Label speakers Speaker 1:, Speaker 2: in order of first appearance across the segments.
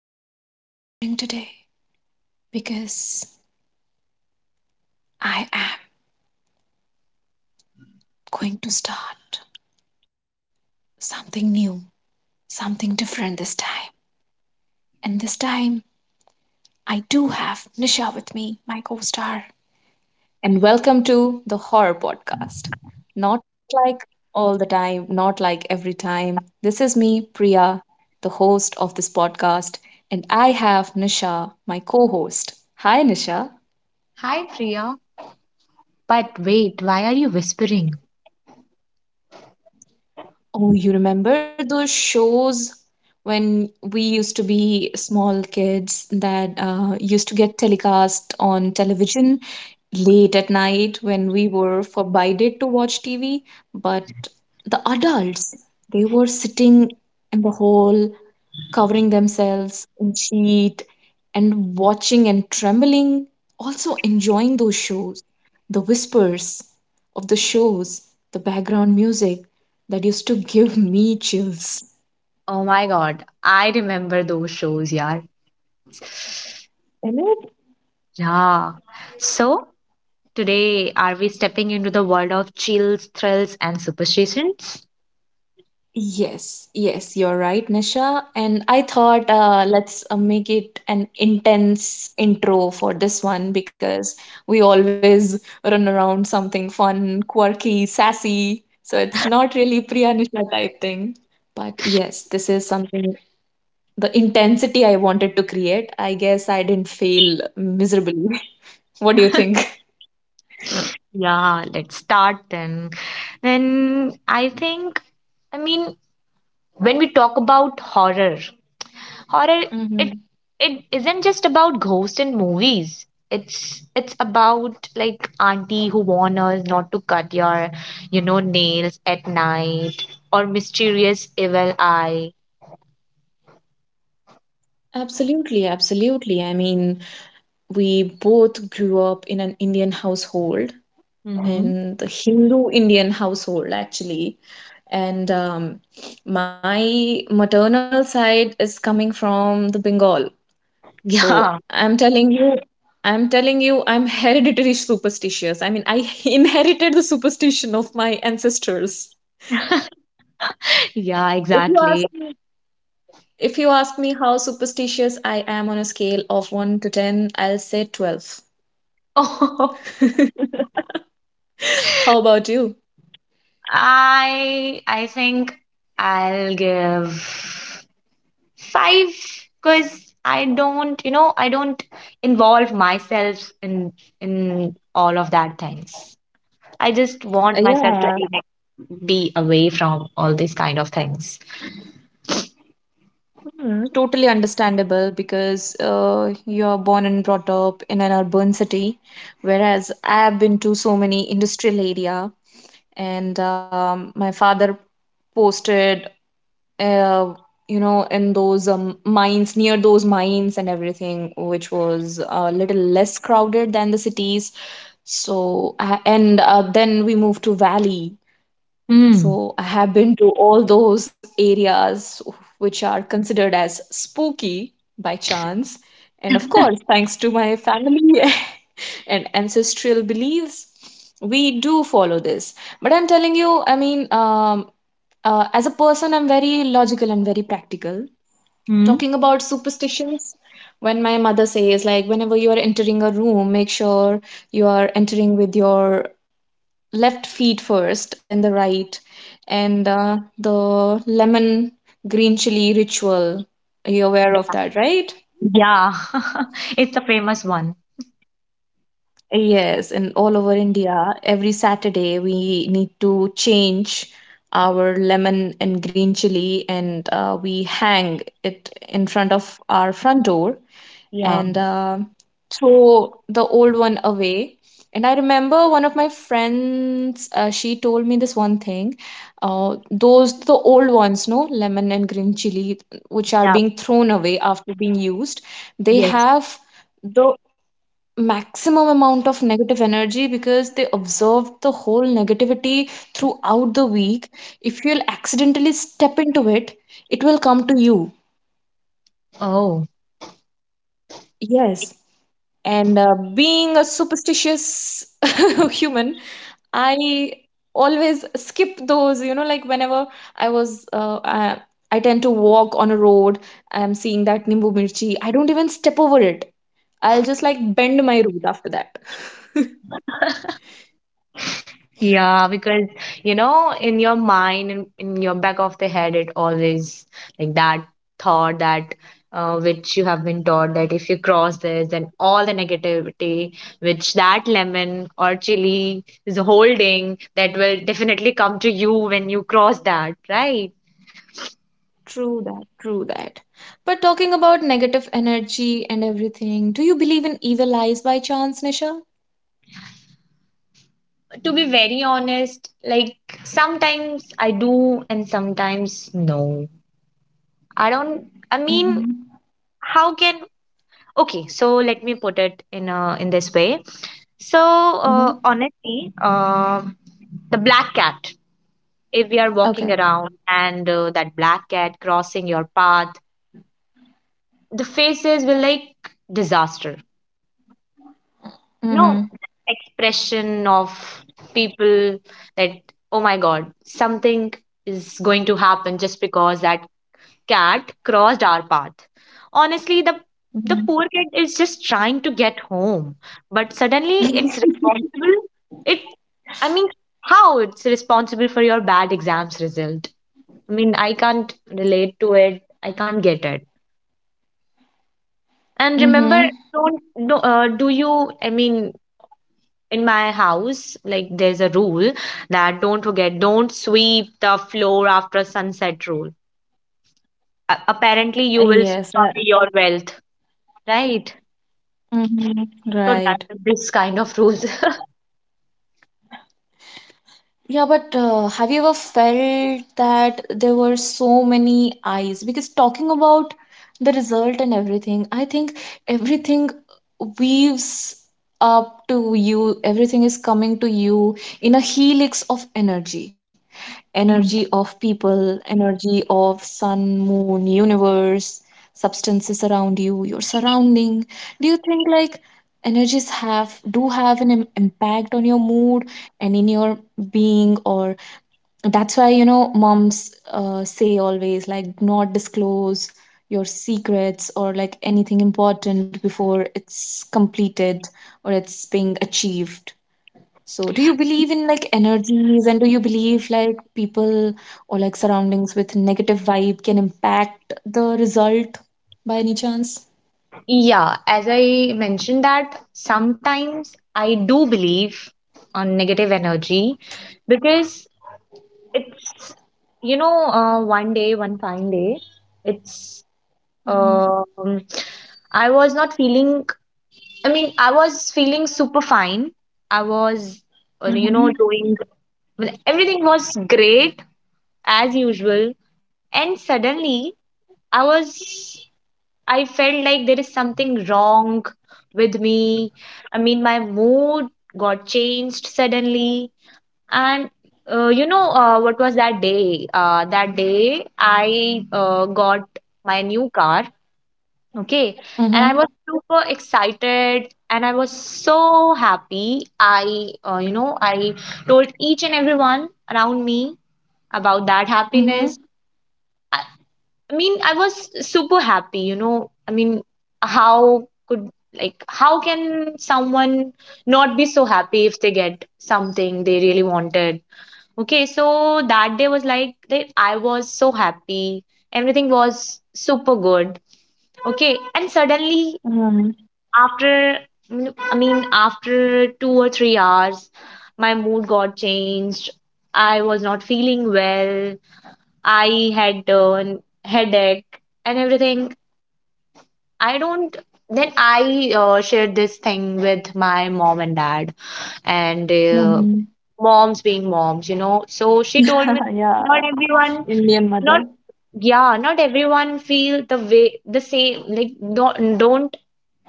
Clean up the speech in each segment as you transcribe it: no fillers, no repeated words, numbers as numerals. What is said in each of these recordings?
Speaker 1: why I'm whispering today, because I am going to start something new, something different this time. And this time I do have Nisha with me, my co-star. And welcome to the horror podcast. Not like all the time, not like every time. This is me, Priya, the host of this podcast, and I have Nisha, my co-host. Hi Nisha.
Speaker 2: Hi, Priya. But wait, why are you whispering?
Speaker 1: Oh, you remember those shows when we used to be small kids that used to get telecast on television late at night when we were forbidden to watch TV, but the adults, they were sitting in the hall, covering themselves in sheet and watching and trembling, also enjoying those shows, the whispers of the shows, the background music that used to give me chills.
Speaker 2: Oh my God, I remember those shows, yeah.
Speaker 1: Isn't it?
Speaker 2: Yeah. So, today, are we stepping into the world of chills, thrills, and superstitions?
Speaker 1: Yes, yes, you're right, Nisha. And I thought, let's, make it an intense intro for this one, because we always run around something fun, quirky, sassy. So it's not really Priya Nisha type thing. But yes, this is something, the intensity I wanted to create. I guess I didn't fail miserably. What do you think?
Speaker 2: Yeah, let's start then. Then, I think, I mean, when we talk about horror, horror
Speaker 1: Hmm.
Speaker 2: it it isn't just about ghosts and movies, it's about like auntie who warn us not to cut your nails at night or mysterious evil eye.
Speaker 1: Absolutely, absolutely. I mean, we both grew up in an Indian household,
Speaker 2: Mm-hmm.
Speaker 1: and the Hindu Indian household, actually. And my maternal side is coming from the Bengal. So
Speaker 2: Yeah.
Speaker 1: I'm telling you, I'm telling you, I'm hereditary superstitious. I mean, I inherited the superstition of my ancestors.
Speaker 2: yeah,
Speaker 1: If you ask
Speaker 2: exactly.
Speaker 1: me, if you ask me how superstitious I am on a scale of 1 to 10, I'll say 12.
Speaker 2: oh,
Speaker 1: How about you?
Speaker 2: I think I'll give five, because I don't, I don't involve myself in all of that things. I just want myself to
Speaker 1: Yeah,
Speaker 2: be, like, be away from all these kind of things.
Speaker 1: totally understandable because you're born and brought up in an urban city, whereas I've been to so many industrial area, and my father posted, uh, in those mines near those mines and everything, which was a little less crowded than the cities. So, and then we moved to valley.
Speaker 2: Mm.
Speaker 1: So I have been to all those areas which are considered as spooky by chance. And of course, thanks to my family and ancestral beliefs, we do follow this. But I'm telling you, I mean, as a person, I'm very logical and very practical.
Speaker 2: Mm.
Speaker 1: Talking about superstitions, when my mother says, like, whenever you are entering a room, make sure you are entering with your left feet first, then the right, and the lemon green chili ritual. Are you aware of that, right?
Speaker 2: Yeah. it's a famous one.
Speaker 1: Yes, and all over India, every Saturday we need to change our lemon and green chili, and we hang it in front of our front door,
Speaker 2: Yeah.
Speaker 1: and throw the old one away. And I remember one of my friends, she told me this one thing. Those, the old ones, no, lemon and green chili, which are
Speaker 2: Yeah.
Speaker 1: being thrown away after being used, they
Speaker 2: Yes.
Speaker 1: have the maximum amount of negative energy because they absorbed the whole negativity throughout the week. If you'll accidentally step into it, it will come to you.
Speaker 2: Oh.
Speaker 1: Yes. And being a superstitious human, I always skip those, like whenever I was, uh, I, I tend to walk on a road, I'm seeing that Nimbu Mirchi, I don't even step over it. I'll just like bend my route after that.
Speaker 2: Yeah, because, in your mind, in your back of the head, it always like that thought that which you have been taught, that if you cross this, then all the negativity which that lemon or chili is holding, that will definitely come to you when you cross that, right?
Speaker 1: True that, true that. But talking about negative energy and everything, do you believe in evil eyes by chance, Nisha?
Speaker 2: To be very honest, like, sometimes I do and sometimes no. I don't, I mean,
Speaker 1: Mm-hmm.
Speaker 2: how can— okay, so let me put it in this way. So
Speaker 1: Mm-hmm.
Speaker 2: honestly, the black cat. If we are walking
Speaker 1: Okay.
Speaker 2: around and that black cat crossing your path, the faces will like disaster. No
Speaker 1: Mm-hmm.
Speaker 2: expression of people that oh my god, something is going to happen just because that cat crossed our path. Honestly, the
Speaker 1: Mm-hmm.
Speaker 2: poor kid is just trying to get home, but suddenly it's responsible. It, I mean, how it's responsible for your bad exams result? I mean, I can't relate to it. I can't get it. And remember,
Speaker 1: Mm-hmm.
Speaker 2: don't— no, do you? I mean, in my house, like, there's a rule that don't forget, don't sweep the floor after sunset. Rule. A- apparently, you will
Speaker 1: Yes.
Speaker 2: sweep away your wealth, right?
Speaker 1: Mm-hmm.
Speaker 2: So
Speaker 1: Right.
Speaker 2: that's this kind of rules.
Speaker 1: Yeah, but have you ever felt that there were so many eyes? Because talking about the result and everything, I think everything weaves up to you, everything is coming to you in a helix of energy, energy
Speaker 2: Mm.
Speaker 1: of people, energy of sun, moon, universe, substances around you, your surrounding. Do you think like energies have do have an impact on your mood and in your being, or that's why moms say always, like, "Do not disclose your secrets or like anything important before it's completed or it's being achieved"? So, do you believe in like energies, and do you believe like people or like surroundings with negative vibe can impact the result by any chance?
Speaker 2: Yeah, as I mentioned, that sometimes I do believe on negative energy, because it's, one day, one fine day, it's,
Speaker 1: Mm-hmm.
Speaker 2: um I was not feeling— I mean, I was feeling super fine. I was
Speaker 1: Mm-hmm.
Speaker 2: doing— everything was great, as usual. And suddenly I was— I felt like there is something wrong with me. I mean, my mood got changed suddenly. And you know, what was that day? That day, I got my new car. Okay. And I was super excited and I was so happy. I told each and everyone around me about that
Speaker 1: Mm-hmm.
Speaker 2: happiness. I mean, I was super happy, you know. I mean, how could like how can someone not be so happy if they get something they really wanted? Okay, so that day was like that, I was so happy. Everything was super good. Okay, and suddenly,
Speaker 1: Mm-hmm.
Speaker 2: after— I mean, after 2 or 3 hours, my mood got changed. I was not feeling well. I had headache and everything, I don't. Then I shared this thing with my mom and dad, and
Speaker 1: Mm-hmm.
Speaker 2: moms being moms, you know. So she told me,
Speaker 1: Yeah,
Speaker 2: not everyone—
Speaker 1: Indian mother.
Speaker 2: not, yeah, not everyone feel the way the same. Like, don't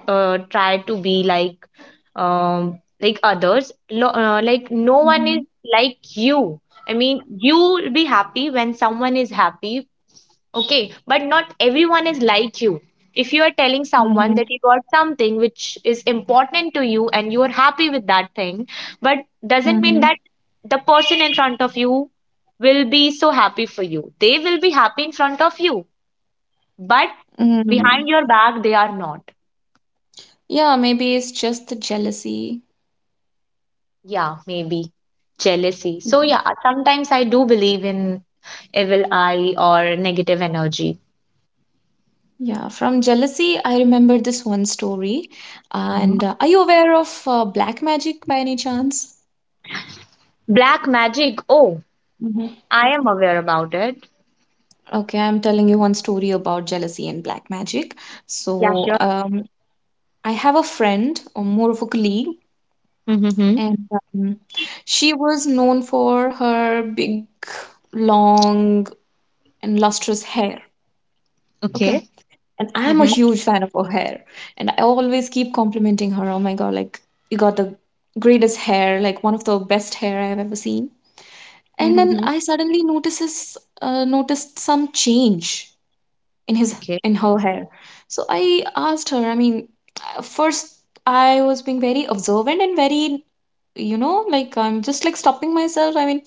Speaker 2: try to be like others. Lo-— like, no
Speaker 1: Mm-hmm.
Speaker 2: one is like you. I mean, you'll be happy when someone is happy. Okay, but not everyone is like you. If you are telling someone
Speaker 1: Mm-hmm.
Speaker 2: that you got something which is important to you and you are happy with that thing, but doesn't mean
Speaker 1: Mm-hmm.
Speaker 2: that the person in front of you will be so happy for you. They will be happy in front of you, but
Speaker 1: Mm.
Speaker 2: behind your back, they are not.
Speaker 1: Yeah, maybe it's just the jealousy.
Speaker 2: Yeah, maybe jealousy. So,
Speaker 1: Mhm.
Speaker 2: yeah, sometimes I do believe in evil eye or negative energy.
Speaker 1: Yeah, from jealousy, I remember this one story.
Speaker 2: Mhm.
Speaker 1: And are you aware of black magic by any chance?
Speaker 2: Black magic. Oh, I am aware about it.
Speaker 1: Okay, I'm telling you one story about jealousy and black magic.
Speaker 2: Yeah,
Speaker 1: So,
Speaker 2: sure.
Speaker 1: I have a friend, or more of a colleague,
Speaker 2: Mm-hmm.
Speaker 1: and um, she was known for her big, long, and lustrous hair.
Speaker 2: Okay.
Speaker 1: Okay, and I'm a
Speaker 2: Mhm.
Speaker 1: huge fan of her hair, and I always keep complimenting her. Oh my god, like you got the greatest hair, like one of the best hair I've ever seen. And then
Speaker 2: Mhm.
Speaker 1: I suddenly noticed some change in his
Speaker 2: Okay.
Speaker 1: in her hair. So I asked her. I mean, first I was being very observant and very, like I'm just like stopping myself. I mean,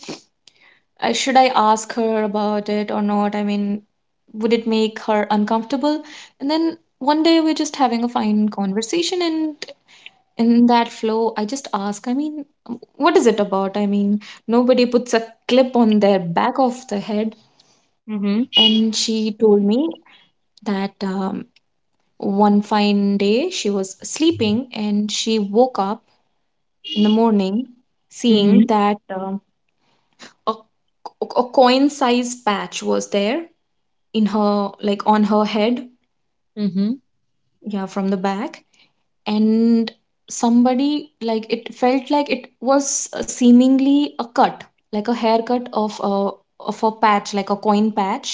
Speaker 1: should I ask her about it or not? I mean, would it make her uncomfortable? And then one day we're just having a fine conversation, and in that flow I just ask. I mean, what is it about? I mean, nobody puts a clip on their back of the head.
Speaker 2: Mhm.
Speaker 1: And she told me that, one fine day, she was sleeping and she woke up in the morning seeing
Speaker 2: Mhm.
Speaker 1: that, a, a coin size patch was there in her, like on her head,
Speaker 2: Mm-hmm.
Speaker 1: yeah, from the back. And somebody, like, it felt like it was seemingly a cut, like a haircut of a patch, like a coin patch.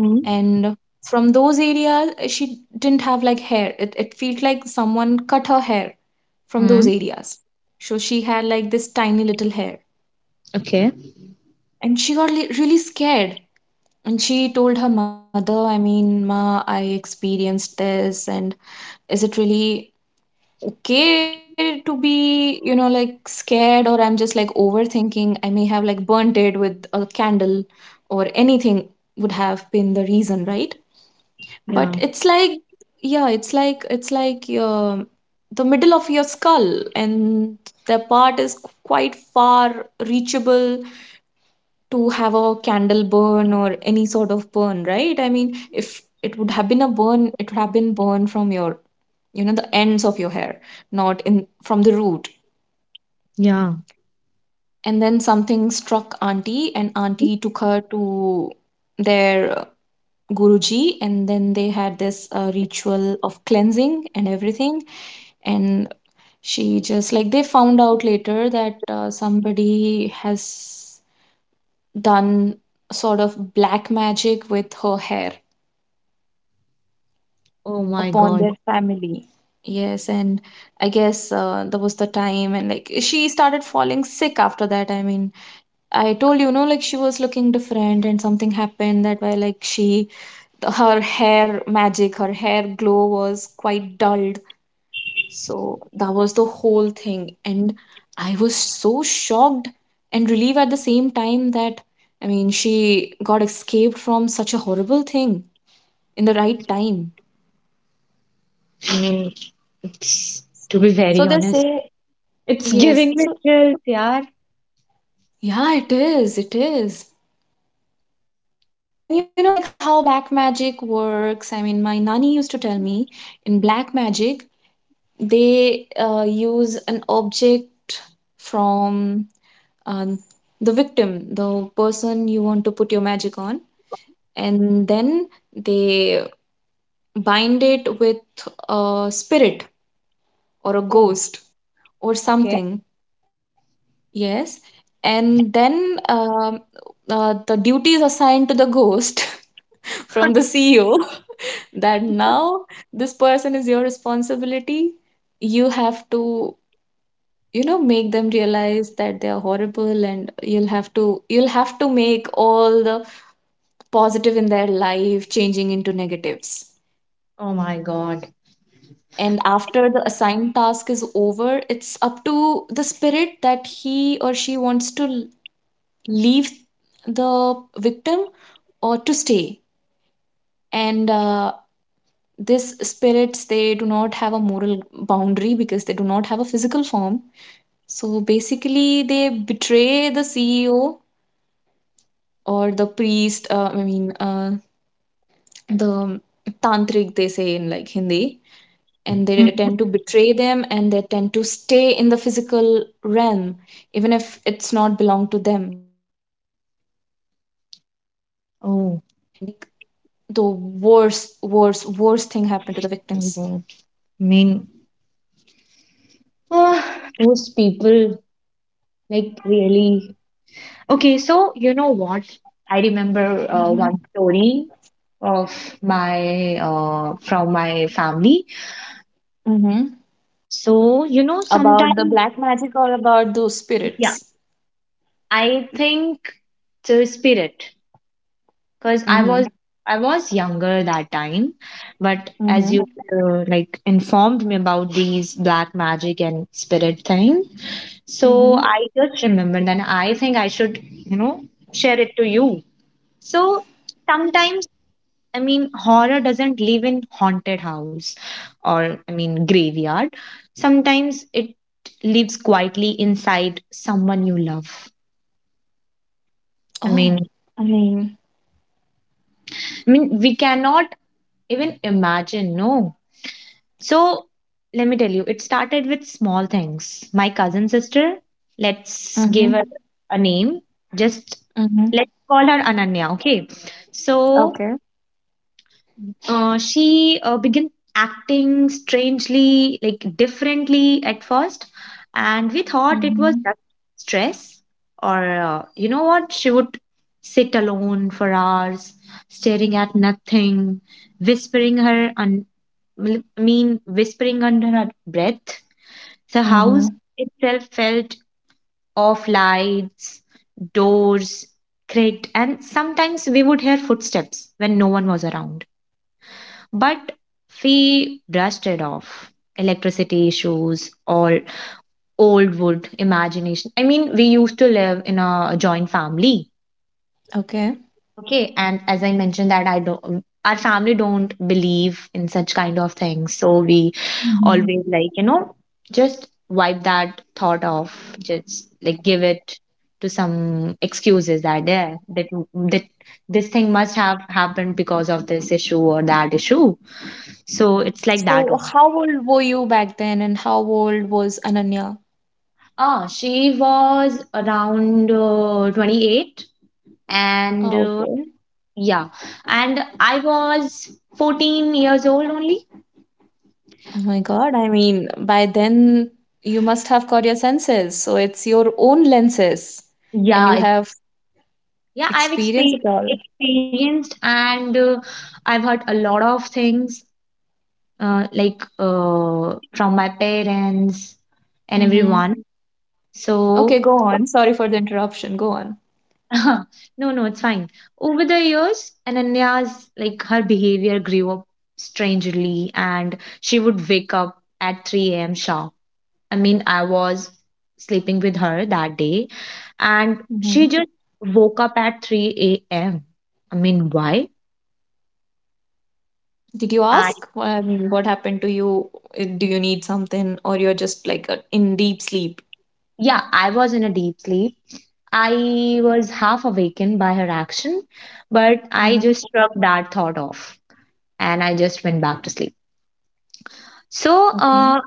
Speaker 2: Mhm.
Speaker 1: And from those areas she didn't have like hair. It felt like someone cut her hair from those
Speaker 2: Mhm.
Speaker 1: areas. So she had like this tiny little hair,
Speaker 2: Okay.
Speaker 1: and she got really scared. And she told her mother, I mean, "Ma, I experienced this, and is it really okay to be, like, scared? Or I'm just like overthinking? I may have like burnt it with a candle or anything would have been the reason, right?" But
Speaker 2: Yeah.
Speaker 1: it's like, yeah, it's like your the middle of your skull, and the part is quite far reachable to have a candle burn or any sort of burn, right? I mean, if it would have been a burn, it would have been burn from your, the ends of your hair, not in from the root.
Speaker 2: Yeah.
Speaker 1: And then something struck auntie, and auntie took her to their guruji, and then they had this ritual of cleansing and everything. And she just like they found out later that somebody has done sort of black magic with her hair
Speaker 2: Oh my
Speaker 1: upon
Speaker 2: God.
Speaker 1: their family. Yes. And I guess, that was the time, and like she started falling sick after that. I mean, I told, like she was looking different, and something happened that way. Like, she, her hair magic, her hair glow was quite dulled. So that was the whole thing. And I was so shocked and relieved at the same time that, I mean, she got escaped from such a horrible thing in the right time.
Speaker 2: I mean, it's— to be
Speaker 1: So
Speaker 2: very
Speaker 1: they
Speaker 2: honest,
Speaker 1: say.
Speaker 2: it's
Speaker 1: Yes.
Speaker 2: giving me
Speaker 1: So,
Speaker 2: chills, yeah.
Speaker 1: yeah, it is. It is. And you know, like how black magic works. I mean, my nanny used to tell me, in black magic, they use an object from, um, the victim, the person you want to put your magic on, and then they bind it with a spirit or a
Speaker 2: Oh,
Speaker 1: ghost or
Speaker 2: okay.
Speaker 1: something. Yes. And then, the duty is assigned to the ghost from the CEO. That now this person is your responsibility. You have to, make them realize that they are horrible, and you'll have to make all the positive in their life changing into negatives.
Speaker 2: Oh my God.
Speaker 1: And after the assigned task is over, it's up to the spirit that he or she wants to leave the victim or to stay. And these spirits, they do not have a moral boundary because they do not have a physical form. So basically, they betray the CEO or the priest, I mean, the tantric, they say in like Hindi. And they
Speaker 2: Mhm.
Speaker 1: tend to betray them, and they tend to stay in the physical realm, even if it's not belong to them. And they make the
Speaker 2: Oh
Speaker 1: worst, worst, worst thing happen to the victims.
Speaker 2: my God. I mean, ah, those people, like, really. Okay, so you know what? I remember
Speaker 1: Hmm.
Speaker 2: one story of my from my family.
Speaker 1: Mm-hmm.
Speaker 2: So, you know,
Speaker 1: About the
Speaker 2: sometimes—
Speaker 1: black magic or about those spirits?
Speaker 2: yeah, I think the spirit, because I
Speaker 1: Mm-hmm.
Speaker 2: was— I was younger that time, but as
Speaker 1: Mm-hmm.
Speaker 2: you like informed me about these black magic and spirit thing, so
Speaker 1: Mm-hmm.
Speaker 2: I just remembered, and I think I should, you know, share it to you. So, sometimes, I mean, horror doesn't live in haunted house or, I mean, graveyard. Sometimes it lives quietly inside someone you love. I
Speaker 1: Oh,
Speaker 2: mean,
Speaker 1: I mean,
Speaker 2: I mean, we cannot even imagine, no. So let me tell you, it started with small things. My cousin sister, let's
Speaker 1: mm-hmm.
Speaker 2: give her a name. Just
Speaker 1: Mm-hmm.
Speaker 2: let's call her Ananya, okay? So,
Speaker 1: Okay.
Speaker 2: She began acting strangely, like differently at first, and we thought it was
Speaker 1: Mm-hmm.
Speaker 2: just stress. Or, you know what, she would sit alone for hours, staring at nothing, whispering her— un-— well, I mean, whispering under her breath. The house
Speaker 1: Mm-hmm.
Speaker 2: itself felt off. Lights, doors cracked, and sometimes we would hear footsteps when no one was around. But we brushed it off. Electricity issues or old wood imagination. I mean, we used to live in a joint family.
Speaker 1: Okay.
Speaker 2: Okay. And as I mentioned, that I don't— our family don't believe in such kind of things. So we
Speaker 1: Mm-hmm.
Speaker 2: always like, you know, just wipe that thought off. Just like give it to some excuses, that there that that this thing must have happened because of this issue or that issue. So it's like that
Speaker 1: So,
Speaker 2: only.
Speaker 1: how old were you back then, and how old was Ananya?
Speaker 2: Ah, she was around 28, and
Speaker 1: Oh, okay.
Speaker 2: yeah, and I was 14 years old only.
Speaker 1: Oh my God. I mean, by then you must have got your senses. So it's your own lenses, and
Speaker 2: Yeah,
Speaker 1: you
Speaker 2: it-—
Speaker 1: have
Speaker 2: yeah, I've
Speaker 1: experienced it
Speaker 2: expe-
Speaker 1: all.
Speaker 2: experienced, and I've heard a lot of things from my parents and
Speaker 1: Mm-hmm.
Speaker 2: everyone. So,
Speaker 1: Okay, go on. Sorry for the interruption. Go on.
Speaker 2: no, no, it's fine. Over the years, Ananya's, like, her behavior grew up strangely, and she would wake up at 3 a.m. sharp. I mean, I was sleeping with her that day, and
Speaker 1: Mm-hmm.
Speaker 2: she just woke up at 3 a.m. I mean, why?
Speaker 1: Did you
Speaker 2: I—
Speaker 1: ask? I mean, what happened to you? Do you need something, or you're just like in deep sleep?
Speaker 2: yeah, I was in a deep sleep. I was half awakened by her action, but I
Speaker 1: Mm-hmm.
Speaker 2: just shrugged that thought off and I just went back to sleep. So,
Speaker 1: Okay.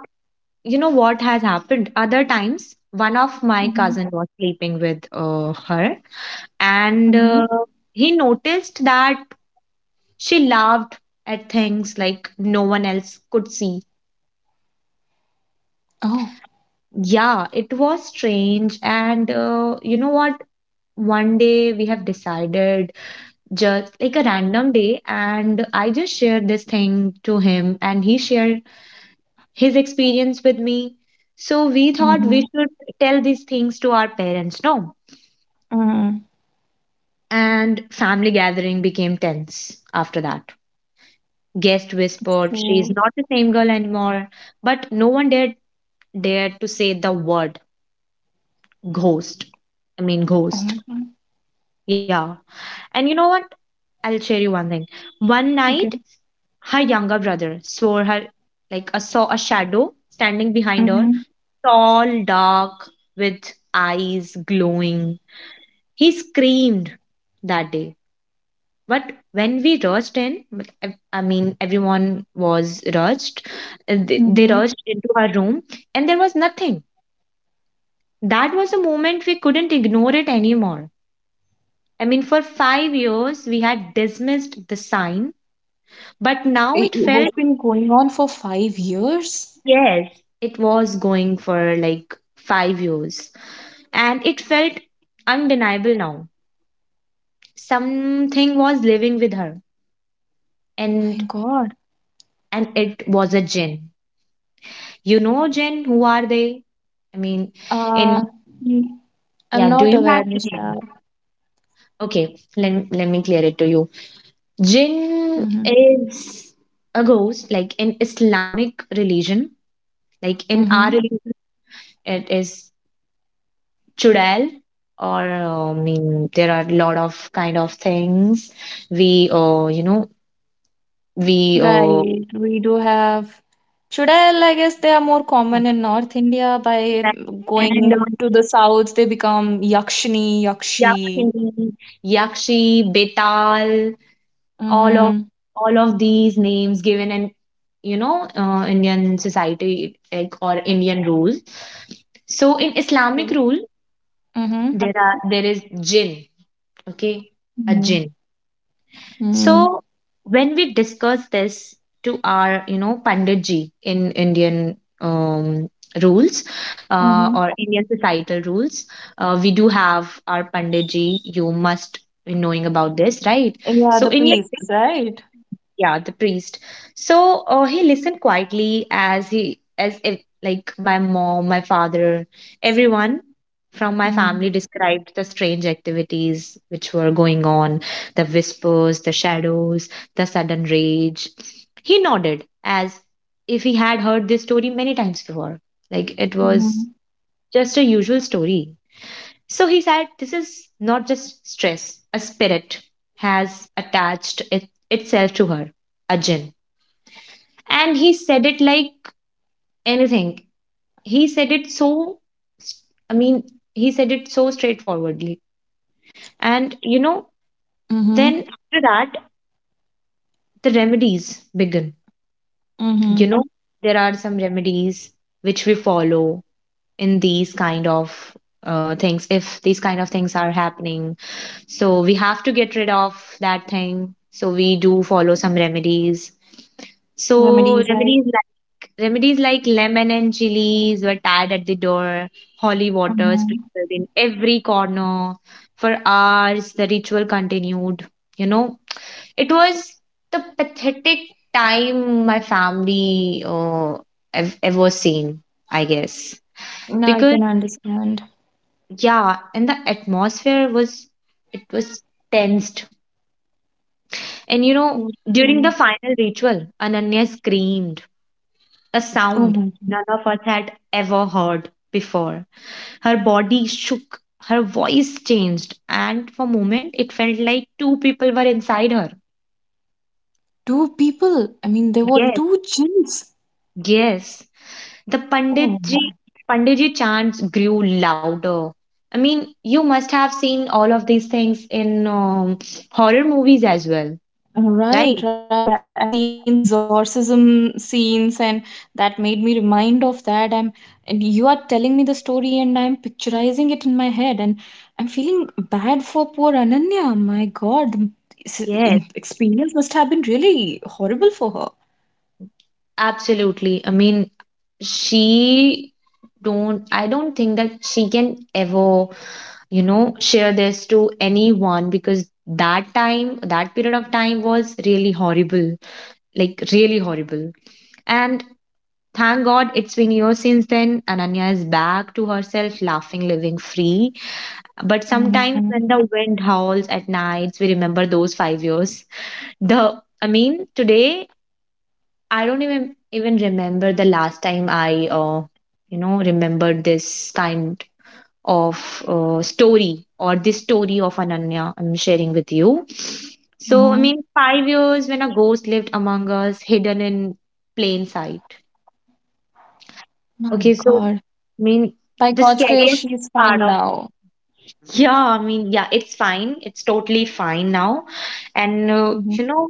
Speaker 2: you know what has happened other times, one of my
Speaker 1: Mm-hmm.
Speaker 2: cousin was sleeping with her, and
Speaker 1: Mm-hmm.
Speaker 2: he noticed that she laughed at things like no one else could see.
Speaker 1: Oh.
Speaker 2: Yeah, it was strange. And you know what, one day we have decided, just like a random day, and I just shared this thing to him, and he shared his experience with me. So we thought we
Speaker 1: Mm-hmm.
Speaker 2: should tell these things to our parents, no?
Speaker 1: Mm-hmm.
Speaker 2: And family gathering became tense after that. Guest whispered, "She's
Speaker 1: So,
Speaker 2: not the same girl anymore." But no one dared to say the word ghost. I mean,
Speaker 1: oh my
Speaker 2: ghost.
Speaker 1: God.
Speaker 2: Yeah. And you know what? I'll share you one thing. One night
Speaker 1: Okay.
Speaker 2: her younger brother swore her, like, a saw a shadow standing behind her,
Speaker 1: Mm-hmm.
Speaker 2: tall, dark, with eyes glowing. He screamed that day. But when we rushed in— but ev-— I mean, everyone was rushed. They
Speaker 1: Mm-hmm.
Speaker 2: rushed into our room and there was nothing. That was a moment we couldn't ignore it anymore. I mean, for 5 years, we had dismissed the sign, but now
Speaker 1: It,
Speaker 2: it
Speaker 1: it was
Speaker 2: felt—
Speaker 1: been going on for 5 years.
Speaker 2: yes, it was going for like 5 years. And it felt undeniable now. Something was living with her,
Speaker 1: My
Speaker 2: and
Speaker 1: God.
Speaker 2: it was a gin. You know, Jen, who are they? I mean, in—
Speaker 1: Uh, mm, I'm
Speaker 2: yeah, do
Speaker 1: not
Speaker 2: you have
Speaker 1: aware,
Speaker 2: any idea?
Speaker 1: Nisha.
Speaker 2: Okay, let, let me clear it to you.
Speaker 1: Mm-hmm.
Speaker 2: Jinn is a ghost, like in Islamic religion. Like, in our
Speaker 1: Mm-hmm.
Speaker 2: religion, it is chudal, or I mean, there are a lot of kind of things we, we uh,
Speaker 1: Right, we do have chudal. I, like, guess they are more common in North India. By
Speaker 2: and
Speaker 1: going to the south, they become yakshini, yakshi.
Speaker 2: Yakshi, Yakshi, Betal, all of
Speaker 1: Mm-hmm.
Speaker 2: all of these names given in, you know, Indian society, like, or Indian rules. So in Islamic rule,
Speaker 1: Mm-hmm.
Speaker 2: there is jinn, okay? A
Speaker 1: Mm-hmm.
Speaker 2: jinn. So when we discuss this to our, you know, pandit in Indian um rules,
Speaker 1: Mm-hmm.
Speaker 2: or Indian societal rules, we do have our pandit. You must be knowing about this, right?
Speaker 1: Yeah,
Speaker 2: So
Speaker 1: the
Speaker 2: in your—
Speaker 1: priests, right?
Speaker 2: yeah, the priest. So he listened quietly, as he— as if, like, my mom, my father, everyone from my
Speaker 1: Mm-hmm.
Speaker 2: family described the strange activities which were going on, the whispers, the shadows, the sudden rage. He nodded as if he had heard this story many times before, like it was
Speaker 1: Mm-hmm.
Speaker 2: just a usual story. So he said, "This is not just stress, a spirit has attached it— itself to her, a jinn." And he said it like anything. He said it so— I mean, he said it so straightforwardly. And, you know,
Speaker 1: Mm-hmm.
Speaker 2: then after that, the remedies begin. You
Speaker 1: Mm-hmm.
Speaker 2: know, there are some remedies which we follow in these kind of things, if these kind of things are happening. So we have to get rid of that thing. So we do follow some remedies. So
Speaker 1: Remedies, like.
Speaker 2: remedies like— remedies like lemon and chilies were tied at the door, holy water
Speaker 1: Mm-hmm.
Speaker 2: sprinkled in every corner. For hours the ritual continued. You know, it was the pathetic time my family have ever seen, I guess.
Speaker 1: Now I
Speaker 2: Because,
Speaker 1: can understand.
Speaker 2: yeah, and the atmosphere was— it was tensed. And you know,
Speaker 1: Okay.
Speaker 2: during the final ritual, Ananya screamed, a
Speaker 1: Oh
Speaker 2: sound
Speaker 1: my God.
Speaker 2: none of us had ever heard before. Her body shook, her voice changed, and for a moment it felt like two people were inside her.
Speaker 1: Two people. I mean, there were
Speaker 2: Yes.
Speaker 1: two jinns.
Speaker 2: Yes. The
Speaker 1: Oh
Speaker 2: Panditji—
Speaker 1: my.
Speaker 2: Panditji chants grew louder. I mean, you must have seen all of these things in horror movies as well,
Speaker 1: Right,
Speaker 2: right?
Speaker 1: right. I have seen the exorcism scenes, and that made me remind of that. I'm, and you are telling me the story, and I'm picturizing it in my head, and I'm feeling bad for poor Ananya. My God, the
Speaker 2: Yes.
Speaker 1: experience must have been really horrible for her.
Speaker 2: Absolutely. I mean, she don't— I don't think that she can ever, you know, share this to anyone, because that time, that period of time was really horrible, like really horrible. And thank god, it's been years since then. Ananya is back to herself, laughing, living free. But
Speaker 1: Hmm.
Speaker 2: sometimes, when the wind howls at nights, we remember those 5 years. The— I mean, today, I don't even remember the last time I, you know, remembered this kind of story, or this story of Ananya I'm sharing with you. So, I
Speaker 1: Hmm.
Speaker 2: mean, 5 years when a ghost lived among us, hidden in plain sight.
Speaker 1: My
Speaker 2: Okay, so I
Speaker 1: God.
Speaker 2: mean,
Speaker 1: By
Speaker 2: the
Speaker 1: God's grace,
Speaker 2: scariest
Speaker 1: she is
Speaker 2: part
Speaker 1: fine
Speaker 2: of—
Speaker 1: now.
Speaker 2: yeah, I mean, yeah, it's fine. It's totally fine now, and
Speaker 1: Hmm.
Speaker 2: you know,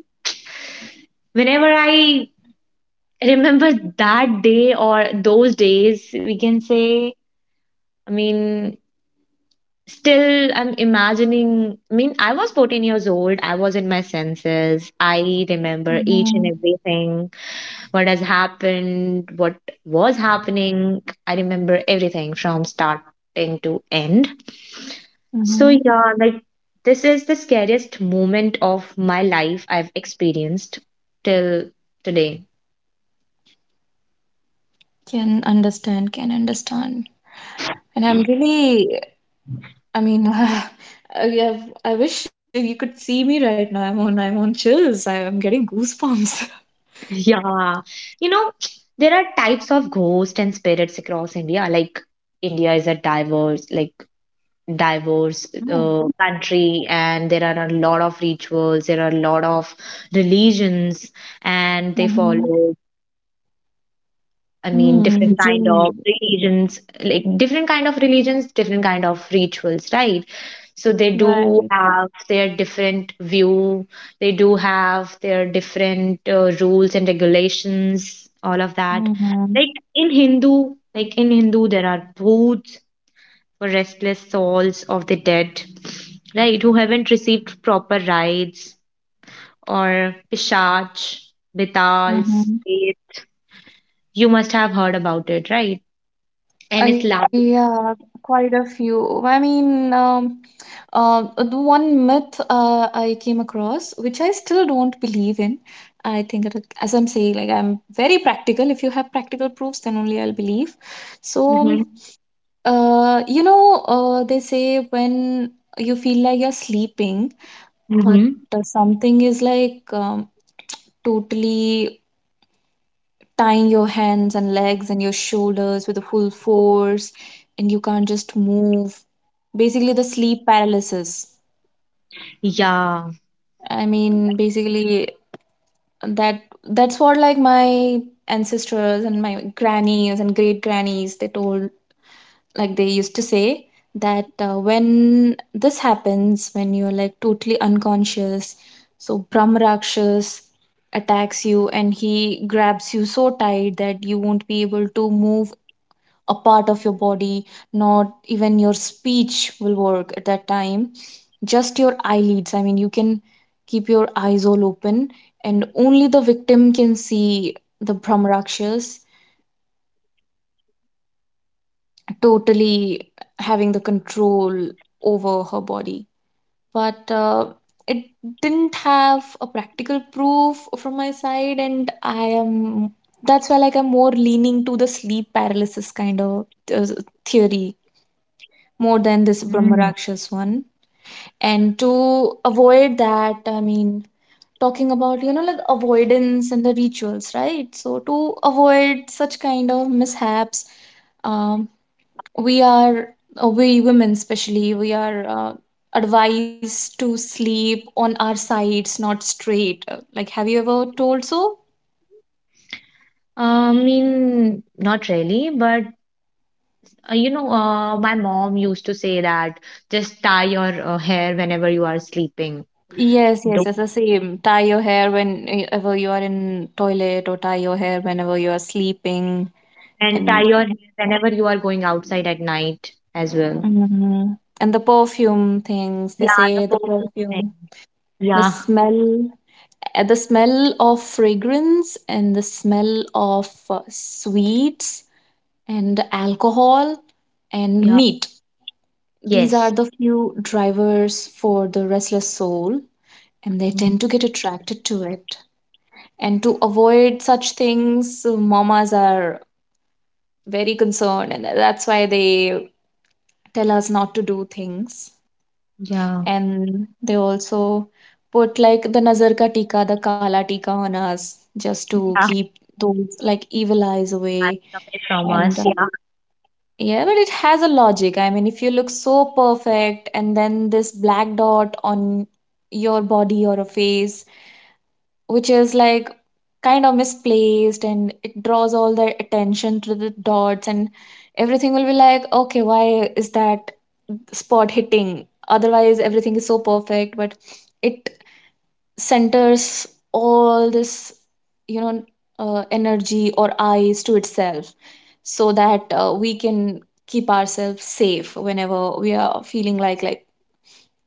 Speaker 2: whenever I remember that day, or those days, we can say, I mean, still, I'm imagining. I mean, I was 14 years old. I was in my senses. I remember each
Speaker 1: Hmm.
Speaker 2: and everything, what has happened, what was happening. I remember everything from starting to end. So,
Speaker 1: Hmm.
Speaker 2: yeah, like, this is the scariest moment of my life I've experienced till today.
Speaker 1: Can understand, can understand. And I'm really, I mean, I have, I wish you could see me right now. I'm on chills. I am getting goosebumps.
Speaker 2: Yeah. You know, there are types of ghosts and spirits across India. Like, India is a diverse, like diverse
Speaker 1: Oh,
Speaker 2: country, and there are a lot of rituals, there are a lot of religions, and they
Speaker 1: mm-hmm.
Speaker 2: follow— I mean,
Speaker 1: Hmm.
Speaker 2: different kind of
Speaker 1: Jill.
Speaker 2: religions, like different kind of religions, different kind of rituals, right? So they do
Speaker 1: Right.
Speaker 2: have their different view. They do have their different rules and regulations, all of that.
Speaker 1: Mm-hmm.
Speaker 2: Like in Hindu, there are bhoots for restless souls of the dead, right? Who haven't received proper rites. Or pishach, betals,
Speaker 1: Mm-hmm.
Speaker 2: faith. You must have heard about it, right? And it's loud.
Speaker 1: Yeah, quite a few. I mean, the one myth I came across, which I still don't believe in. I think, it, as I'm saying, like I'm very practical. If you have practical proofs, then only I'll believe. So
Speaker 2: Mm-hmm.
Speaker 1: They say when you feel like you're sleeping, but
Speaker 2: Mm-hmm.
Speaker 1: something is like totally tying your hands and legs and your shoulders with a full force, and you can't just move. Basically, the sleep paralysis.
Speaker 2: Yeah.
Speaker 1: I mean, basically, that that's what like my ancestors and my grannies and great grannies they told, like they used to say that when this happens, when you're like totally unconscious, so Brahmarakshas attacks you, and he grabs you so tight that you won't be able to move a part of your body. Not even your speech will work at that time. Just your eyelids, I mean, you can keep your eyes all open, and only the victim can see the Brahmarakshas. Totally having the control over her body. But it didn't have a practical proof from my side, and I am that's why like I'm more leaning to the sleep paralysis kind of uh, theory more than this Brahmarakshas one. And to avoid that, I mean, talking about like avoidance and the rituals, right? So to avoid such kind of mishaps, um we are we women especially we are advised to sleep on our sides, not straight. Like, have you ever told so? Yes, yes, it's the same. Tie your hair whenever you are in toilet, or tie your hair whenever you are sleeping, and mhm. And the perfume things, they say, the perfume, the smell the smell of fragrance, and the smell of sweets and alcohol and meat. These are the few drivers for the restless soul, and they tend to get attracted to it. And to avoid such things, mamas are very concerned, and that's why they tell us not to do things. And they also put like the nazar ka tika, the kala tika on us, just to keep those like evil eyes away. And yeah, but it has a logic. I mean, if you look so perfect and then this black dot on your body or a face, which is like kind of misplaced, and it draws all the attention to the dots, and everything will be like, okay, why is that spot hitting? Otherwise, everything is so perfect, but it centers all this, you know energy or eyes to itself, so that we can keep ourselves safe whenever we are feeling like,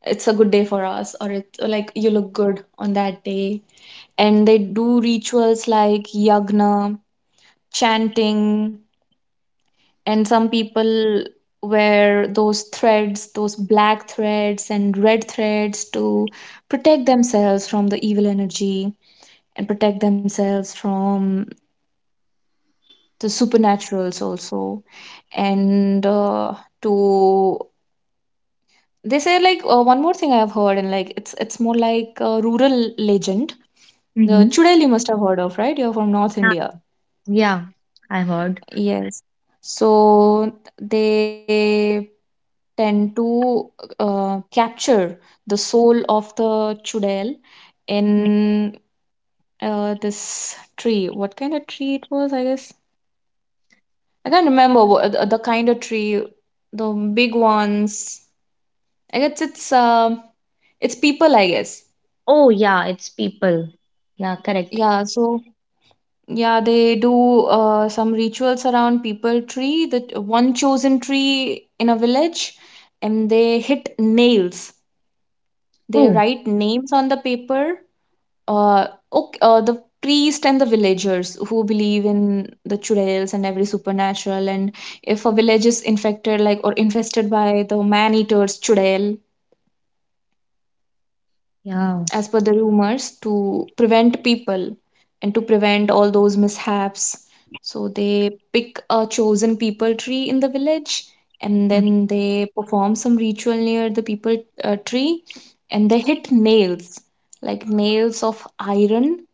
Speaker 1: it's a good day for us, or it, or like you look good on that day. And they do rituals like yagna chanting, and some people wear those threads, those black threads and red threads, to protect themselves from the evil energy, and protect themselves from the supernaturals also. And uh, to they say, like, one more thing I have heard, and like it's more like a rural legend. The chudail, you must have heard of, right? You're from North India. Yes. So they tend to capture the soul of the chudail in this tree. What kind of tree it was, I guess, I can't remember what, the kind of tree, the big ones. I guess it's people, I guess. Yeah. So yeah, they do some rituals around people tree, the one chosen tree in a village, and they hit nails. They write names on the paper. Ok the priest and the villagers who believe in the churels and every supernatural, and if a village is infected, like, or infested by the man-eaters churel, as per the rumors, to prevent people and to prevent all those mishaps, so they pick a chosen people tree in the village, and then they perform some ritual near the people tree, and they hit nails, like nails of iron,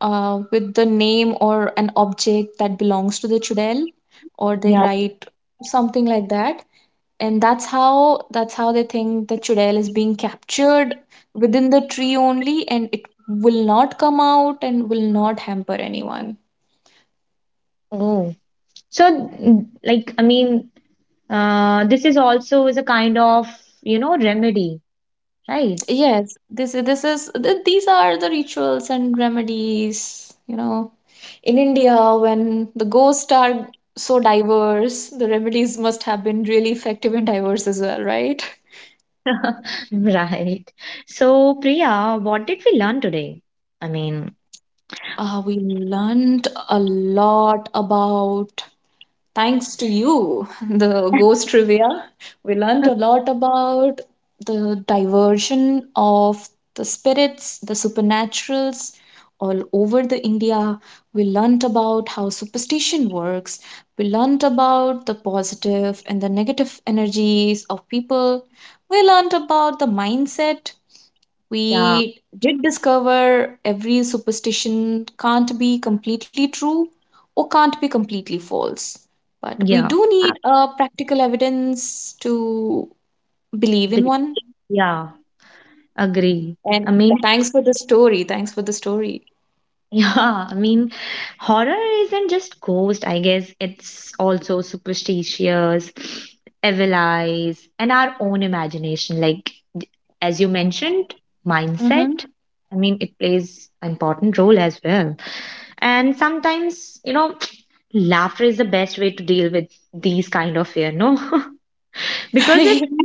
Speaker 1: with the name or an object that belongs to the chudel, or they write something like that. And that's how they think the chudel is being captured within the tree only, and it will not come out and will not hamper anyone. Yes, these are the rituals and remedies, in India. When the ghosts are so diverse, the remedies must have been really effective and diverse as well, right? We learned a lot about... Thanks to you, the ghost trivia, we learned a lot about the diversion of the spirits, the supernaturals all over the India. We learned about how superstition works. We learned about the positive and the negative energies of people. We learned about the mindset. We did discover every superstition can't be completely true or can't be completely false. But we do need practical evidence to believe in one. And thanks for the story. Thanks for the story. Mm-hmm.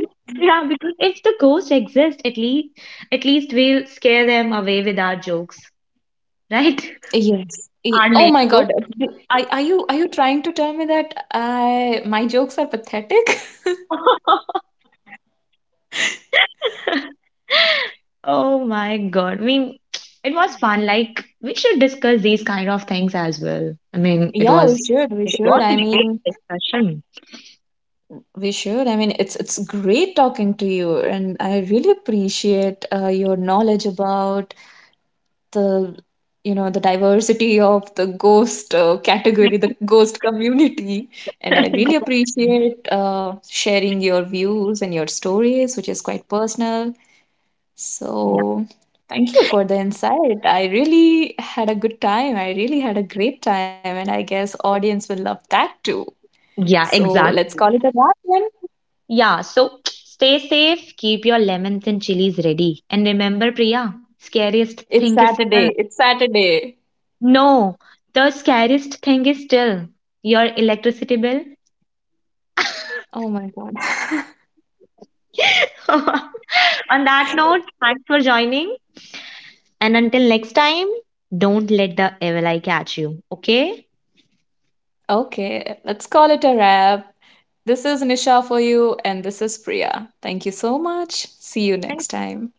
Speaker 1: Yes. Oh my God. Are you trying to tell me that I my jokes are pathetic? Yeah, we should. We should. I mean, we should. I mean, it's great talking to you, and I really appreciate your knowledge about the you know the diversity of the ghost category, the ghost community. And I really appreciate sharing your views and your stories, which is quite personal. So thank you for the insight. I really had a good time, I really had a great time, and I guess audience will love that too. So let's call it a wrap then. It's Saturday, it's Saturday. Oh my God. Okay, let's call it a wrap. This is Nisha for you, and this is Priya. Thank you so much. See you next time.